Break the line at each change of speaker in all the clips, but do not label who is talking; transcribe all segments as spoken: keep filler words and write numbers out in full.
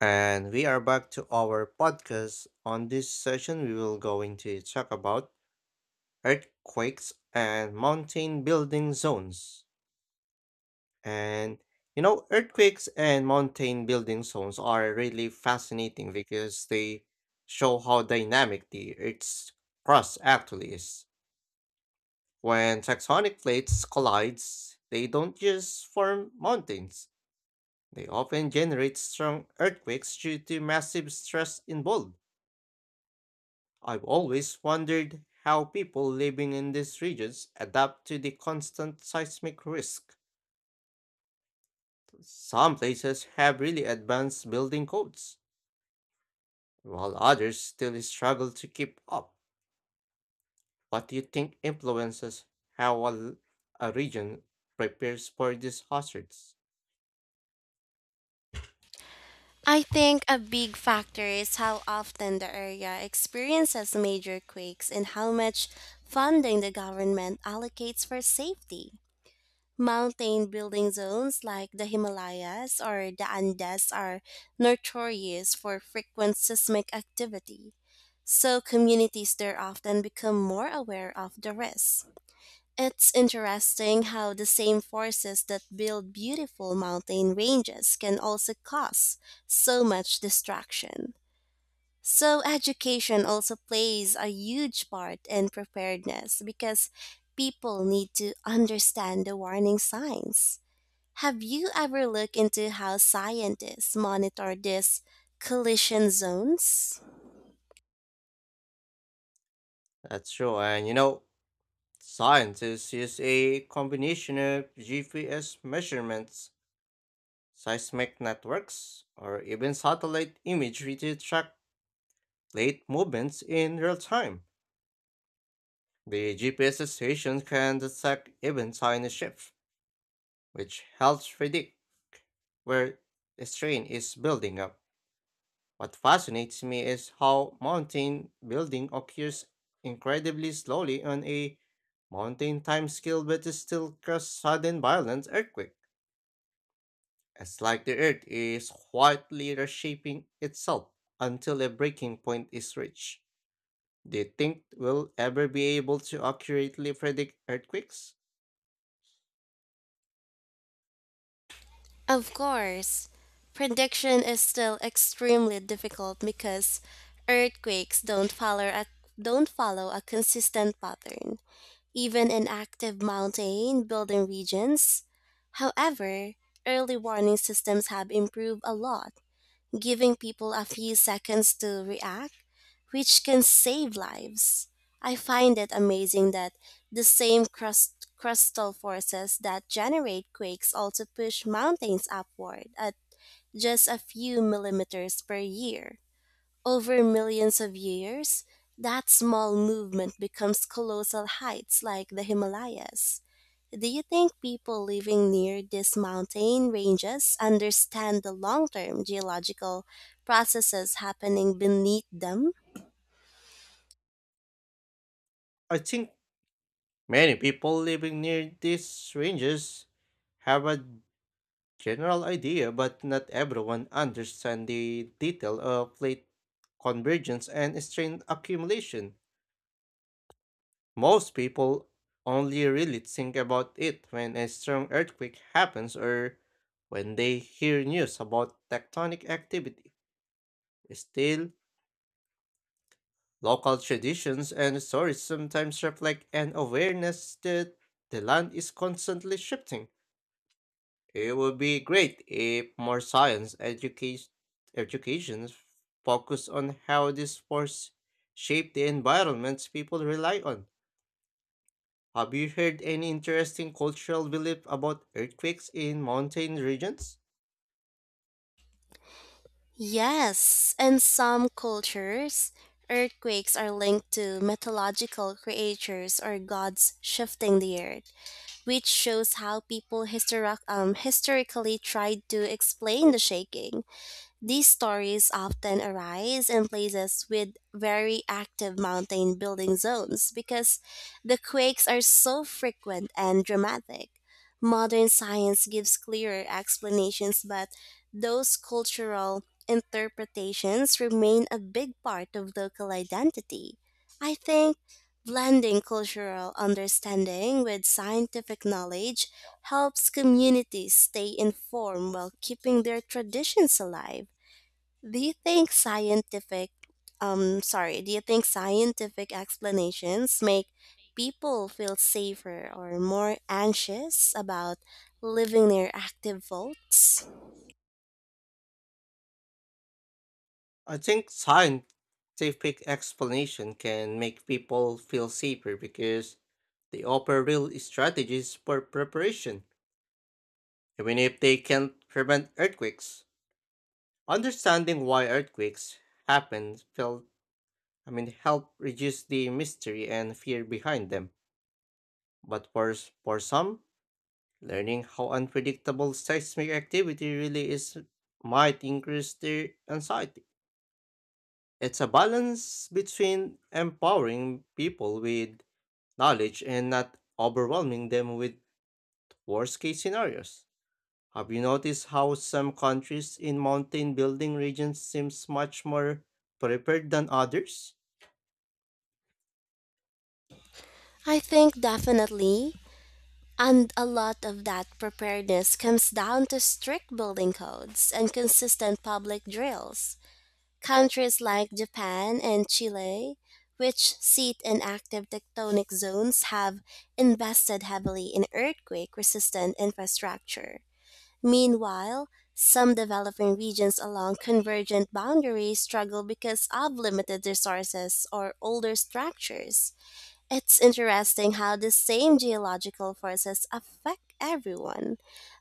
And we are back to our podcast. On this session, we will going to talk about earthquakes and mountain building zones. And you know, earthquakes and mountain building zones are really fascinating because they show how dynamic the Earth's crust actually is. When tectonic plates collides, they don't just form mountains. They often generate strong earthquakes due to massive stress involved. I've always wondered how people living in these regions adapt to the constant seismic risk. Some places have really advanced building codes, while others still struggle to keep up. What do you think influences how a a region prepares for these hazards?
I think a big factor is how often the area experiences major quakes and how much funding the government allocates for safety. Mountain building zones like the Himalayas or the Andes are notorious for frequent seismic activity, so communities there often become more aware of the risks. It's interesting how the same forces that build beautiful mountain ranges can also cause so much distraction. So, education also plays a huge part in preparedness because people need to understand the warning signs. Have you ever looked into how scientists monitor these collision zones?
That's true, and you know, scientists use a combination of G P S measurements, seismic networks, or even satellite imagery to track late movements in real time. The G P S station can detect even tiny shifts, which helps predict where a strain is building up. What fascinates me is how mountain building occurs incredibly slowly on a mountain timescale, but it still causes sudden violent earthquake. It's like the earth is quietly reshaping itself until a breaking point is reached. Do you think we'll ever be able to accurately predict earthquakes?
Of course, prediction is still extremely difficult because earthquakes don't follow a don't follow a consistent pattern, even in active mountain building regions. However, early warning systems have improved a lot giving people a few seconds to react, which can save lives. I find it amazing that the same crust, crustal forces that generate quakes also push mountains upward at just a few millimeters per year. Over millions of years, that small movement becomes colossal heights like the Himalayas. Do you think people living near these mountain ranges understand the long term geological processes happening beneath them?
I think many people living near these ranges have a general idea, but not everyone understands the detail of plate convergence and strain accumulation. Most people only really think about it when a strong earthquake happens or when they hear news about tectonic activity. Still, local traditions and stories sometimes reflect an awareness that the land is constantly shifting. It would be great if more science education education focused on how these forces shape the environments people rely on. Have you heard any interesting cultural belief about earthquakes in mountain regions?
Yes, in some cultures, earthquakes are linked to mythological creatures or gods shifting the earth, which shows how people histori- um, historically tried to explain the shaking. These stories often arise in places with very active mountain building zones because the quakes are so frequent and dramatic. Modern science gives clearer explanations, but those cultural interpretations remain a big part of local identity. I think blending cultural understanding with scientific knowledge helps communities stay informed while keeping their traditions alive. Do you think scientific um sorry, do you think scientific explanations make people feel safer or more anxious about living near active faults?
I think scientific explanation can make people feel safer because they offer real strategies for preparation, even if they can't prevent earthquakes. Understanding why earthquakes happen felt I mean help reduce the mystery and fear behind them. But for s- for some, learning how unpredictable seismic activity really is might increase their anxiety. It's a balance between empowering people with knowledge and not overwhelming them with worst case scenarios. Have you noticed how some countries in mountain building regions seems much more prepared than others?
I think definitely. And a lot of that preparedness comes down to strict building codes and consistent public drills. Countries like Japan and Chile, which seat in active tectonic zones, have invested heavily in earthquake resistant infrastructure. Meanwhile, some developing regions along convergent boundaries struggle because of limited resources or older structures. It's interesting how the same geological forces affect everyone,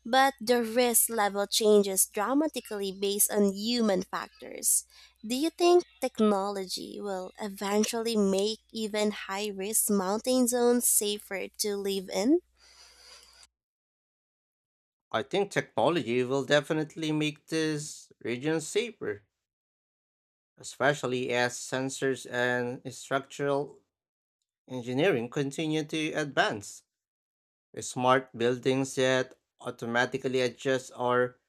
but the risk level changes dramatically based on human factors. Do you think technology will eventually make even high risk mountain zones safer to live in?
I think technology will definitely make these regions safer, especially as sensors and structural engineering continue to advance. Smart buildings that automatically adjust or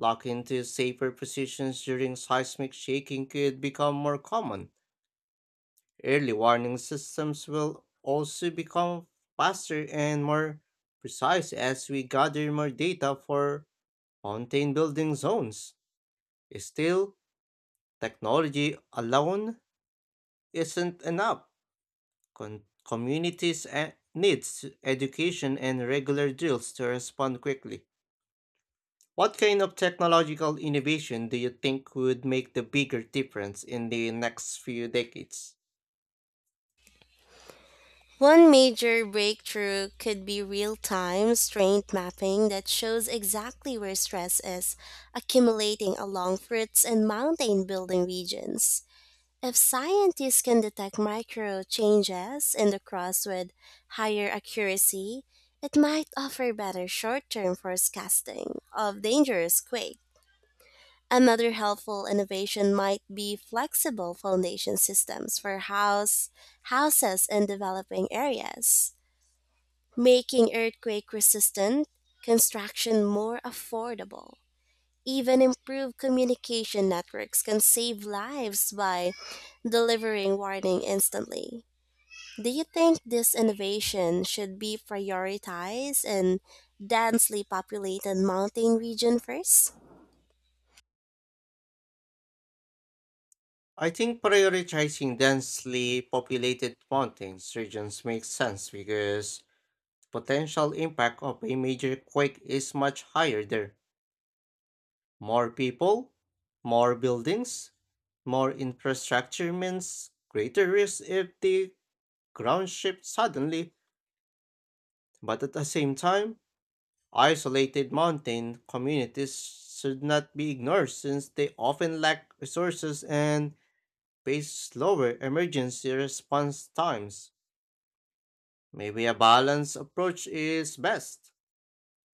locking into safer positions during seismic shaking could become more common. Early warning systems will also become faster and more precise as we gather more data for mountain building zones. Still, technology alone isn't enough. Con- communities eh, needs education and regular drills to respond quickly. What kind of technological innovation do you think would make the bigger difference in the next few decades?
One major breakthrough could be real time strength mapping that shows exactly where stress is accumulating along fruits and mountain building regions. If scientists can detect micro changes in the crops with higher accuracy, it might offer better short term forecasting of dangerous quake. Another helpful innovation might be flexible foundation systems for house, houses in developing areas, making earthquake resistant construction more affordable. Even improved communication networks can save lives by delivering warning instantly. Do you think this innovation should be prioritized in densely populated mountain region first?
I think prioritizing densely populated mountains regions makes sense because the potential impact of a major quake is much higher there. More people, more buildings, more infrastructure means greater risk if the ground shifts suddenly, but at the same time, isolated mountain communities should not be ignored since they often lack resources and face slower emergency response times. Maybe a balanced approach is best,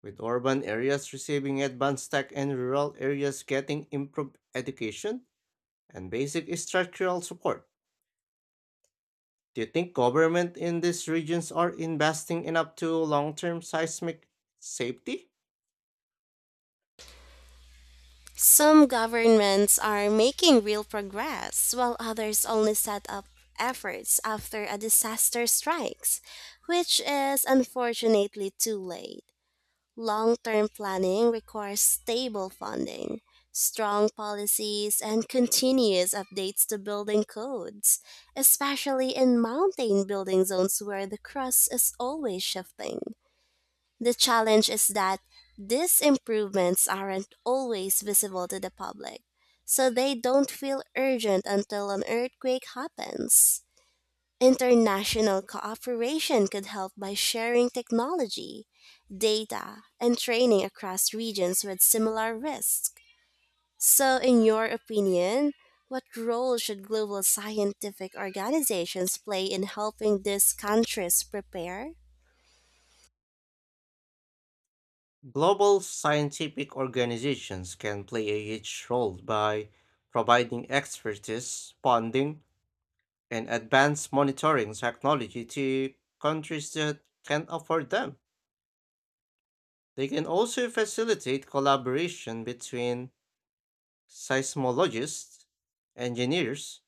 with urban areas receiving advanced tech and rural areas getting improved education and basic structural support. Do you think government in these regions are investing enough to long-term seismic safety?
Some governments are making real progress while others only set up efforts after a disaster strikes, which is unfortunately too late. Long term planning requires stable funding, strong policies, and continuous updates to building codes, especially in mountain building zones where the crust is always shifting. The challenge is that these improvements aren't always visible to the public, so they don't feel urgent until an earthquake happens. International cooperation could help by sharing technology, data, and training across regions with similar risks. So, in your opinion, what role should global scientific organizations play in helping these countries prepare?
Global scientific organizations can play a huge role by providing expertise, funding, and advanced monitoring technology to countries that can't afford them. They can also facilitate collaboration between seismologists, engineers,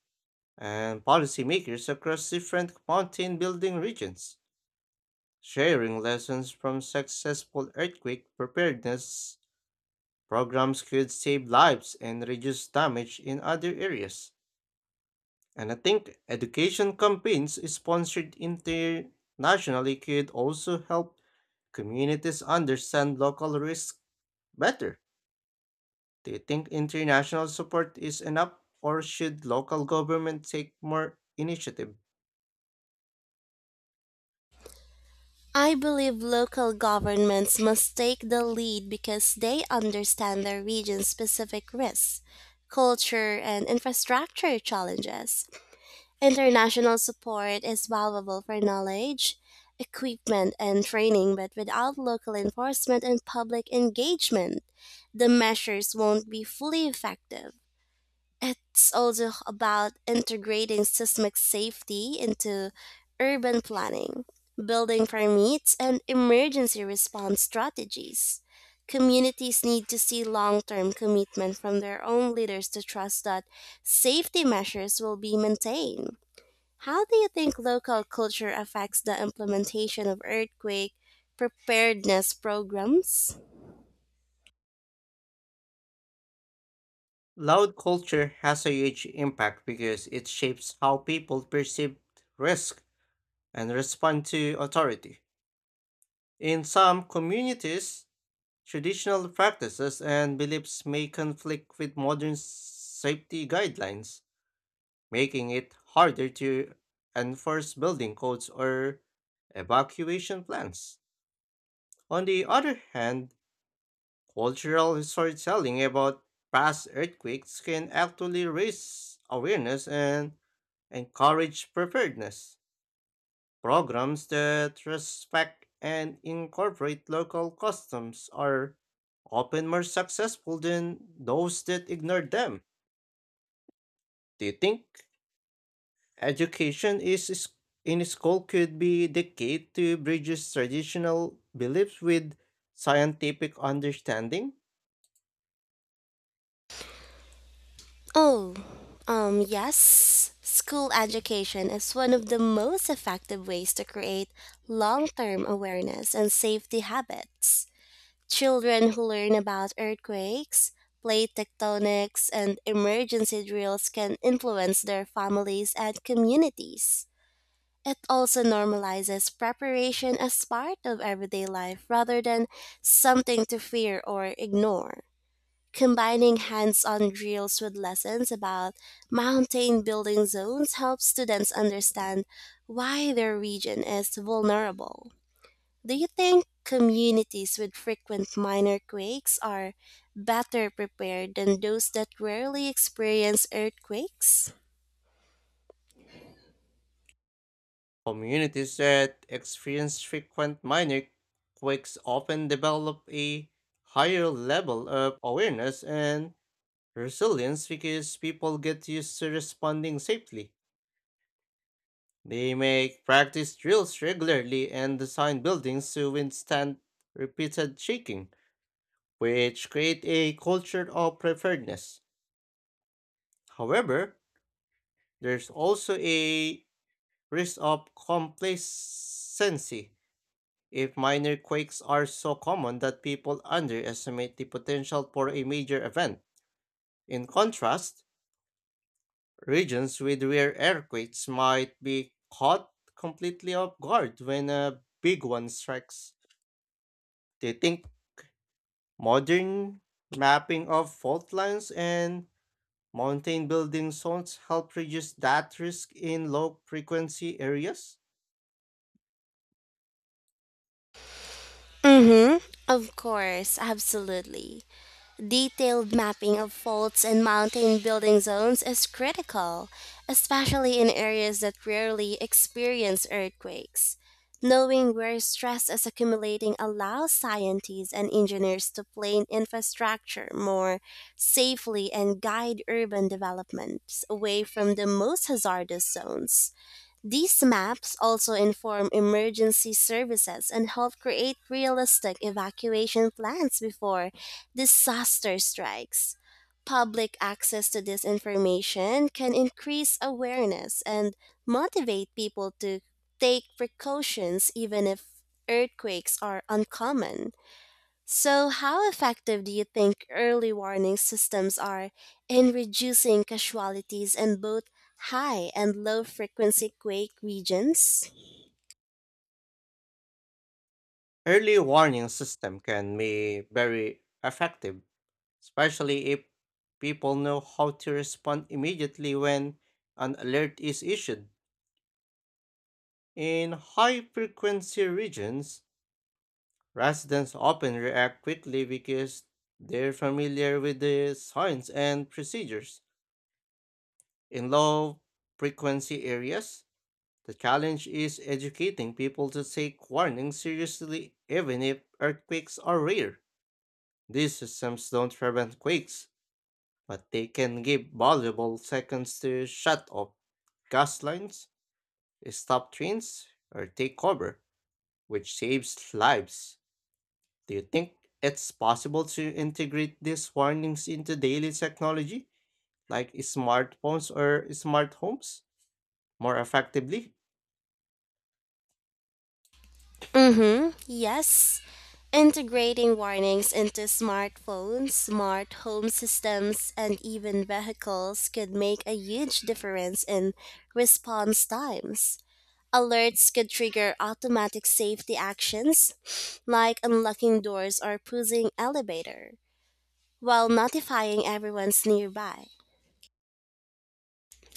and policymakers across different mountain building regions. Sharing lessons from successful earthquake preparedness programs could save lives and reduce damage in other areas. And I think education campaigns sponsored internationally could also help communities understand local risks better. Do you think international support is enough, or should local government take more initiative?
I believe local governments must take the lead because they understand their region's specific risks, culture, and infrastructure challenges. International support is valuable for knowledge, equipment, and training, but without local enforcement and public engagement, the measures won't be fully effective. It's also about integrating seismic safety into urban planning, building permits, and emergency response strategies. Communities need to see long term commitment from their own leaders to trust that safety measures will be maintained. How do you think local culture affects the implementation of earthquake preparedness programs?
Loud culture has a huge impact because it shapes how people perceive risk and respond to authority. In some communities, traditional practices and beliefs may conflict with modern safety guidelines, making it harder to enforce building codes or evacuation plans. On the other hand, cultural storytelling about past earthquakes can actually raise awareness and encourage preparedness. Programs that respect and incorporate local customs are often more successful than those that ignore them. Do you think education is is- in school could be the key to bridges traditional beliefs with scientific understanding?
Oh, um, yes. School education is one of the most effective ways to create long term awareness and safety habits. Children who learn about earthquakes, plate tectonics, and emergency drills can influence their families and communities. It also normalizes preparation as part of everyday life rather than something to fear or ignore. Combining hands on drills with lessons about mountain building zones helps students understand why their region is vulnerable. Do you think communities with frequent minor quakes are better prepared than those that rarely experience earthquakes?
Communities that experience frequent minor quakes often develop a higher level of awareness and resilience because people get used to responding safely. They make practice drills regularly and design buildings to withstand repeated shaking, which create a culture of preparedness. However, there's also a risk of complacency if minor quakes are so common that people underestimate the potential for a major event. In contrast, regions with rare earthquakes might be caught completely off guard when a big one strikes. Do you think modern mapping of fault lines and mountain building zones help reduce that risk in low frequency areas?
Mm hmm. Of course, absolutely. Detailed mapping of faults and mountain building zones is critical, especially in areas that rarely experience earthquakes. Knowing where stress is accumulating allows scientists and engineers to plan infrastructure more safely and guide urban developments away from the most hazardous zones. These maps also inform emergency services and help create realistic evacuation plans before disaster strikes. Public access to this information can increase awareness and motivate people to take precautions even if earthquakes are uncommon. So, how effective do you think early warning systems are in reducing casualties in both high and low frequency quake regions?
Early warning system can be very effective especially if people know how to respond immediately when an alert is issued. In high frequency regions, residents often react quickly because they're familiar with the signs and procedures. In low frequency areas, the challenge is educating people to take warnings seriously even if earthquakes are rare. These systems don't prevent quakes, but they can give valuable seconds to shut off gas lines, stop trains, or take cover, which saves lives. Do you think it's possible to integrate these warnings into daily technology, like smartphones or smart homes, more effectively?
Mm-hmm. Yes. Integrating warnings into smartphones, smart home systems, and even vehicles could make a huge difference in response times. Alerts could trigger automatic safety actions like unlocking doors or pausing elevator while notifying everyone's nearby.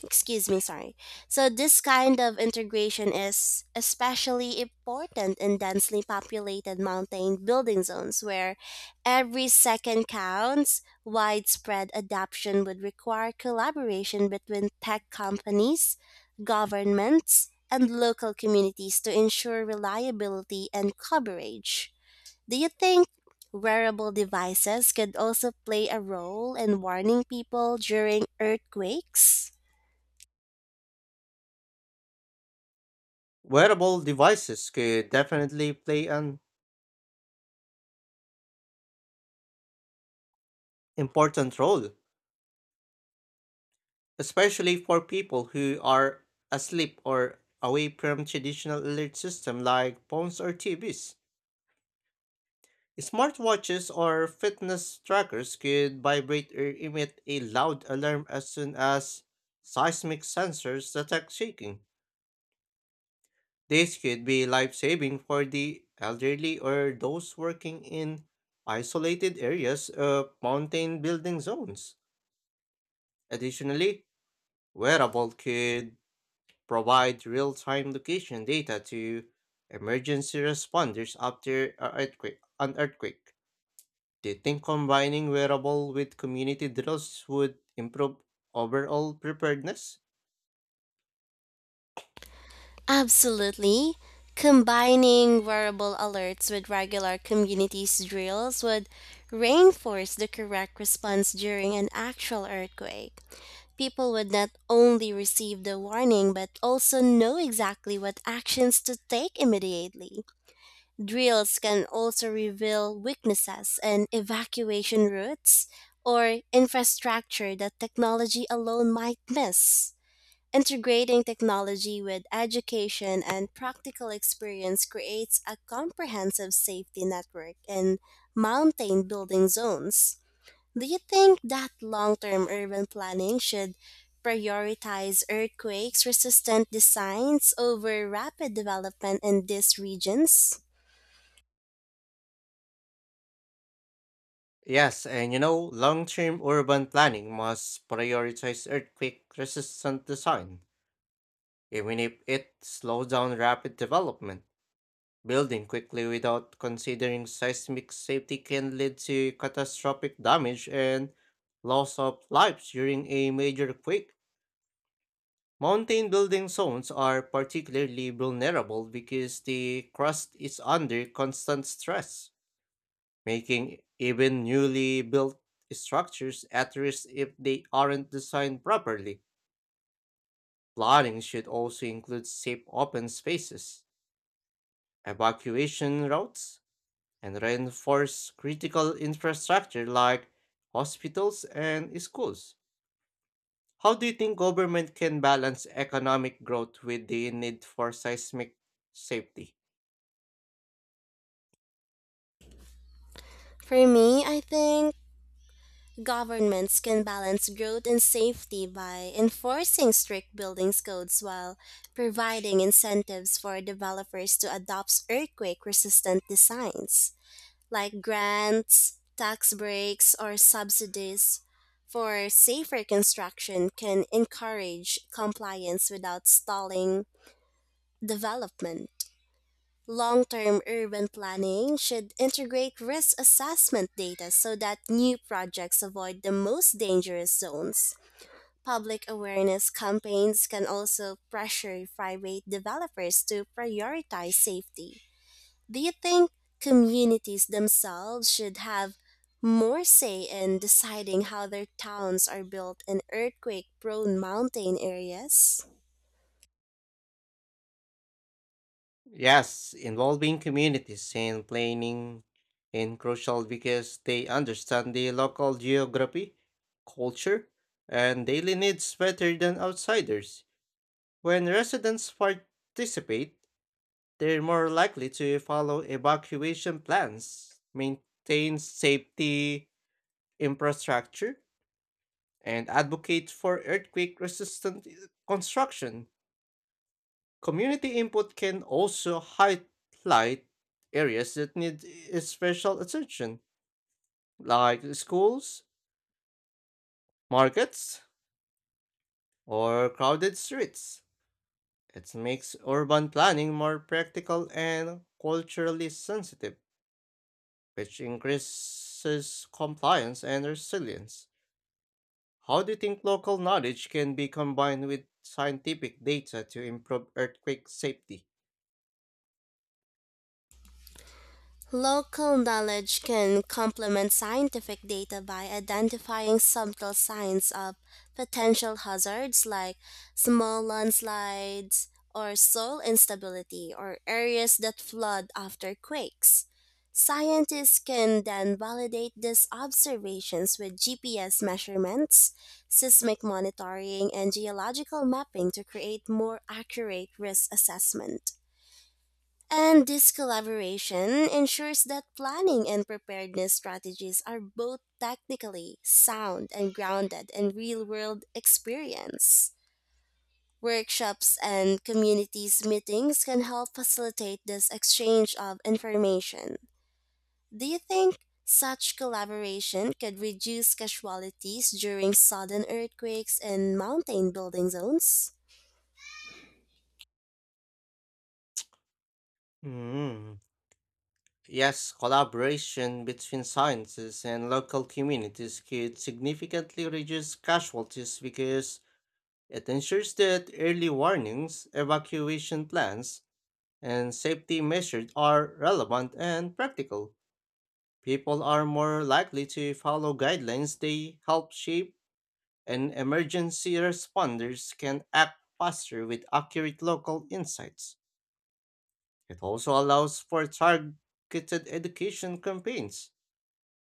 Excuse me, sorry. So, this kind of integration is especially important in densely populated mountain building zones where every second counts. Widespread adoption would require collaboration between tech companies, governments, and local communities to ensure reliability and coverage. Do you think wearable devices could also play a role in warning people during earthquakes?
Wearable devices could definitely play an important role, especially for people who are asleep or away from traditional alert systems like phones or T Vs. Smartwatches or fitness trackers could vibrate or emit a loud alarm as soon as seismic sensors detect shaking. This could be life saving for the elderly or those working in isolated areas of mountain building zones. Additionally, wearable could provide real time location data to emergency responders after a earthquake, an earthquake. Do you think combining wearable with community drills would improve overall preparedness?
Absolutely. Combining wearable alerts with regular communities drills would reinforce the correct response during an actual earthquake. People would not only receive the warning but also know exactly what actions to take immediately. Drills can also reveal weaknesses in evacuation routes or infrastructure that technology alone might miss. Integrating technology with education and practical experience creates a comprehensive safety network in mountain building zones. Do you think that long term urban planning should prioritize earthquakes resistant designs over rapid development in these regions?
Yes, and you know, long term urban planning must prioritize earthquake resistant design, even if it slows down rapid development. Building quickly without considering seismic safety can lead to catastrophic damage and loss of lives during a major quake. Mountain building zones are particularly vulnerable because the crust is under constant stress, making even newly built structures at risk if they aren't designed properly. Planning should also include safe open spaces, evacuation routes, and reinforce critical infrastructure like hospitals and schools. How do you think government can balance economic growth with the need for seismic safety?
For me, I think governments can balance growth and safety by enforcing strict buildings codes while providing incentives for developers to adopt earthquake resistant designs, like grants, tax breaks, or subsidies. For safer construction can encourage compliance without stalling development. Long term urban planning should integrate risk assessment data so that new projects avoid the most dangerous zones. Public awareness campaigns can also pressure private developers to prioritize safety. Do you think communities themselves should have more say in deciding how their towns are built in earthquake prone mountain areas?
Yes, involving communities in planning is crucial because they understand the local geography, culture, and daily needs better than outsiders. When residents participate, they're more likely to follow evacuation plans, maintain safety infrastructure, and advocate for earthquake resistant construction. Community input can also highlight areas that need I- special attention, like schools, markets, or crowded streets. It makes urban planning more practical and culturally sensitive, which increases compliance and resilience. How do you think local knowledge can be combined with scientific data to improve earthquake safety?
Local knowledge can complement scientific data by identifying subtle signs of potential hazards like small landslides or soil instability or areas that flood after quakes. Scientists can then validate these observations with G P S measurements, seismic monitoring, and geological mapping to create more accurate risk assessment. And this collaboration ensures that planning and preparedness strategies are both technically sound and grounded in real world experience. Workshops and communities meetings can help facilitate this exchange of information. Do you think such collaboration could reduce casualties during sudden earthquakes in mountain building zones?
Hmm. Yes, collaboration between sciences and local communities could significantly reduce casualties because it ensures that early warnings, evacuation plans, and safety measures are relevant and practical. People are more likely to follow guidelines they help shape, and emergency responders can act faster with accurate local insights. It also allows for targeted education campaigns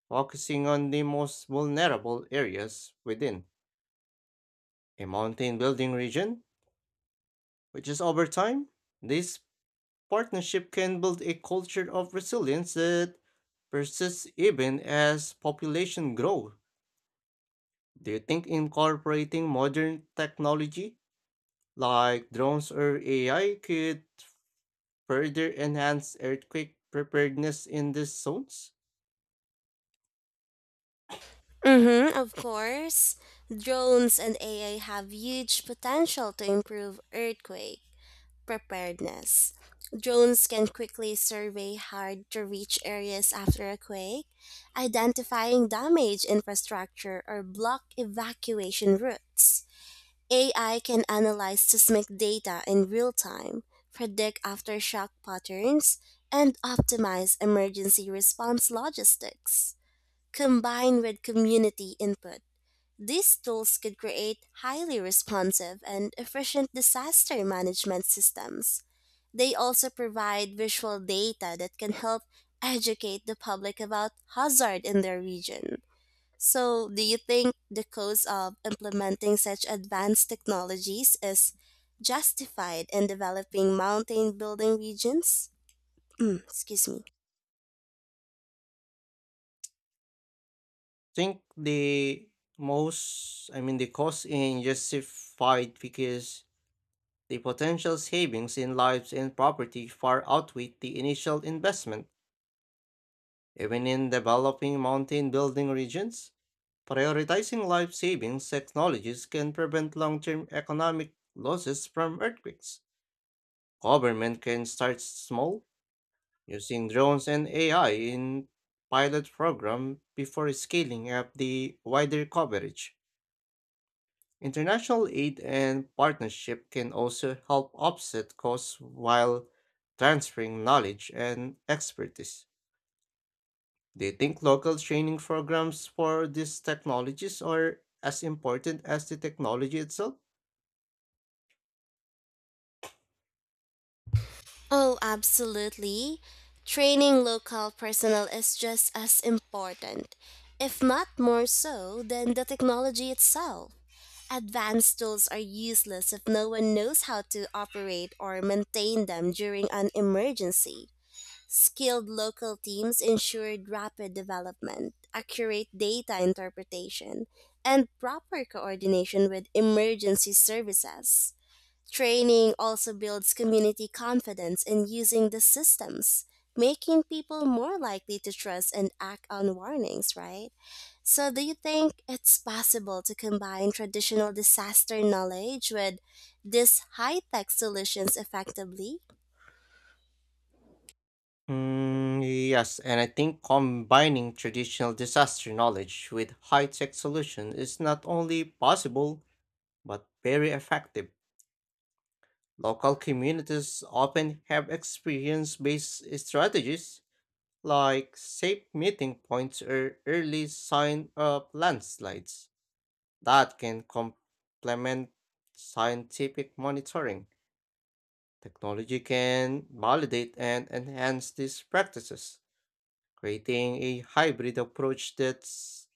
focusing on the most vulnerable areas within a mountain building region, which is over time, this partnership can build a culture of resilience that persists even as population grow. Do you think incorporating modern technology like drones or A I could further enhance earthquake preparedness in these zones?
Mm-hmm, of course. Drones and A I have huge potential to improve earthquake preparedness. Drones can quickly survey hard to reach areas after a quake, identifying damaged infrastructure or block evacuation routes. A I can analyze seismic data in real time, predict aftershock patterns, and optimize emergency response logistics combined with community input. These tools could create highly responsive and efficient disaster management systems. They also provide visual data that can help educate the public about hazard in their region. So, do you think the cost of implementing such advanced technologies is justified in developing mountain building regions? Excuse me.
Think the most, I mean, the cost in justified because the potential savings in lives and property far outweigh the initial investment. Even in developing mountain building regions, prioritizing life savings technologies can prevent long term economic losses from earthquakes. Government can start small, using drones and A I in pilot program before scaling up the wider coverage. International aid and partnership can also help offset costs while transferring knowledge and expertise. Do you think local training programs for these technologies are as important as the technology itself?
Oh, absolutely. Training local personnel is just as important, if not more so, than the technology itself. Advanced tools are useless if no one knows how to operate or maintain them during an emergency. Skilled local teams ensured rapid development, accurate data interpretation, and proper coordination with emergency services. Training also builds community confidence in using the systems, making people more likely to trust and act on warnings, right? So, do you think it's possible to combine traditional disaster knowledge with these high tech solutions effectively?
Mm, yes, and I think combining traditional disaster knowledge with high-tech solution is not only possible but very effective. Local communities often have experience-based strategies like safe meeting points or early sign of landslides that can complement scientific monitoring. Technology can validate and enhance these practices, creating a hybrid approach that's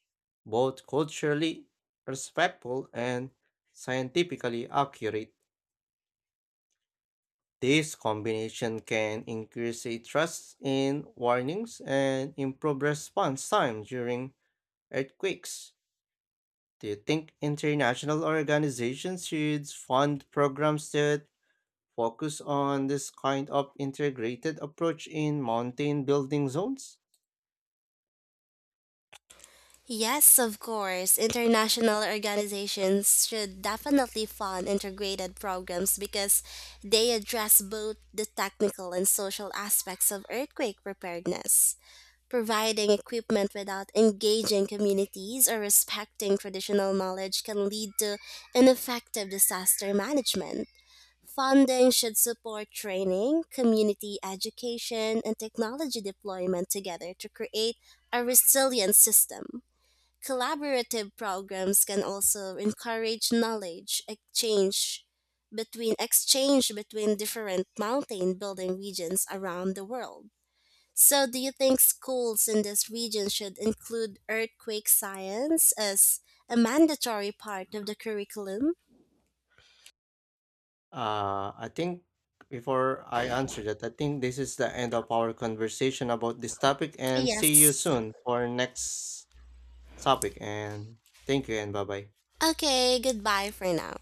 both culturally respectful and scientifically accurate. This combination can increase a trust in warnings and improve response time during earthquakes. Do you think international organizations should fund programs that focus on this kind of integrated approach in mountain building zones?
Yes, of course. International organizations should definitely fund integrated programs because they address both the technical and social aspects of earthquake preparedness. Providing equipment without engaging communities or respecting traditional knowledge can lead to ineffective disaster management. Funding should support training, community education, and technology deployment together to create a resilient system. Collaborative programs can also encourage knowledge exchange between exchange between different mountain building regions around the world. So, do you think schools in this region should include earthquake science as a mandatory part of the curriculum?
Uh, I think before I answer that, I think this is the end of our conversation about this topic and see you
Yes.
soon for next topic and thank you and bye bye.
Okay, goodbye for now.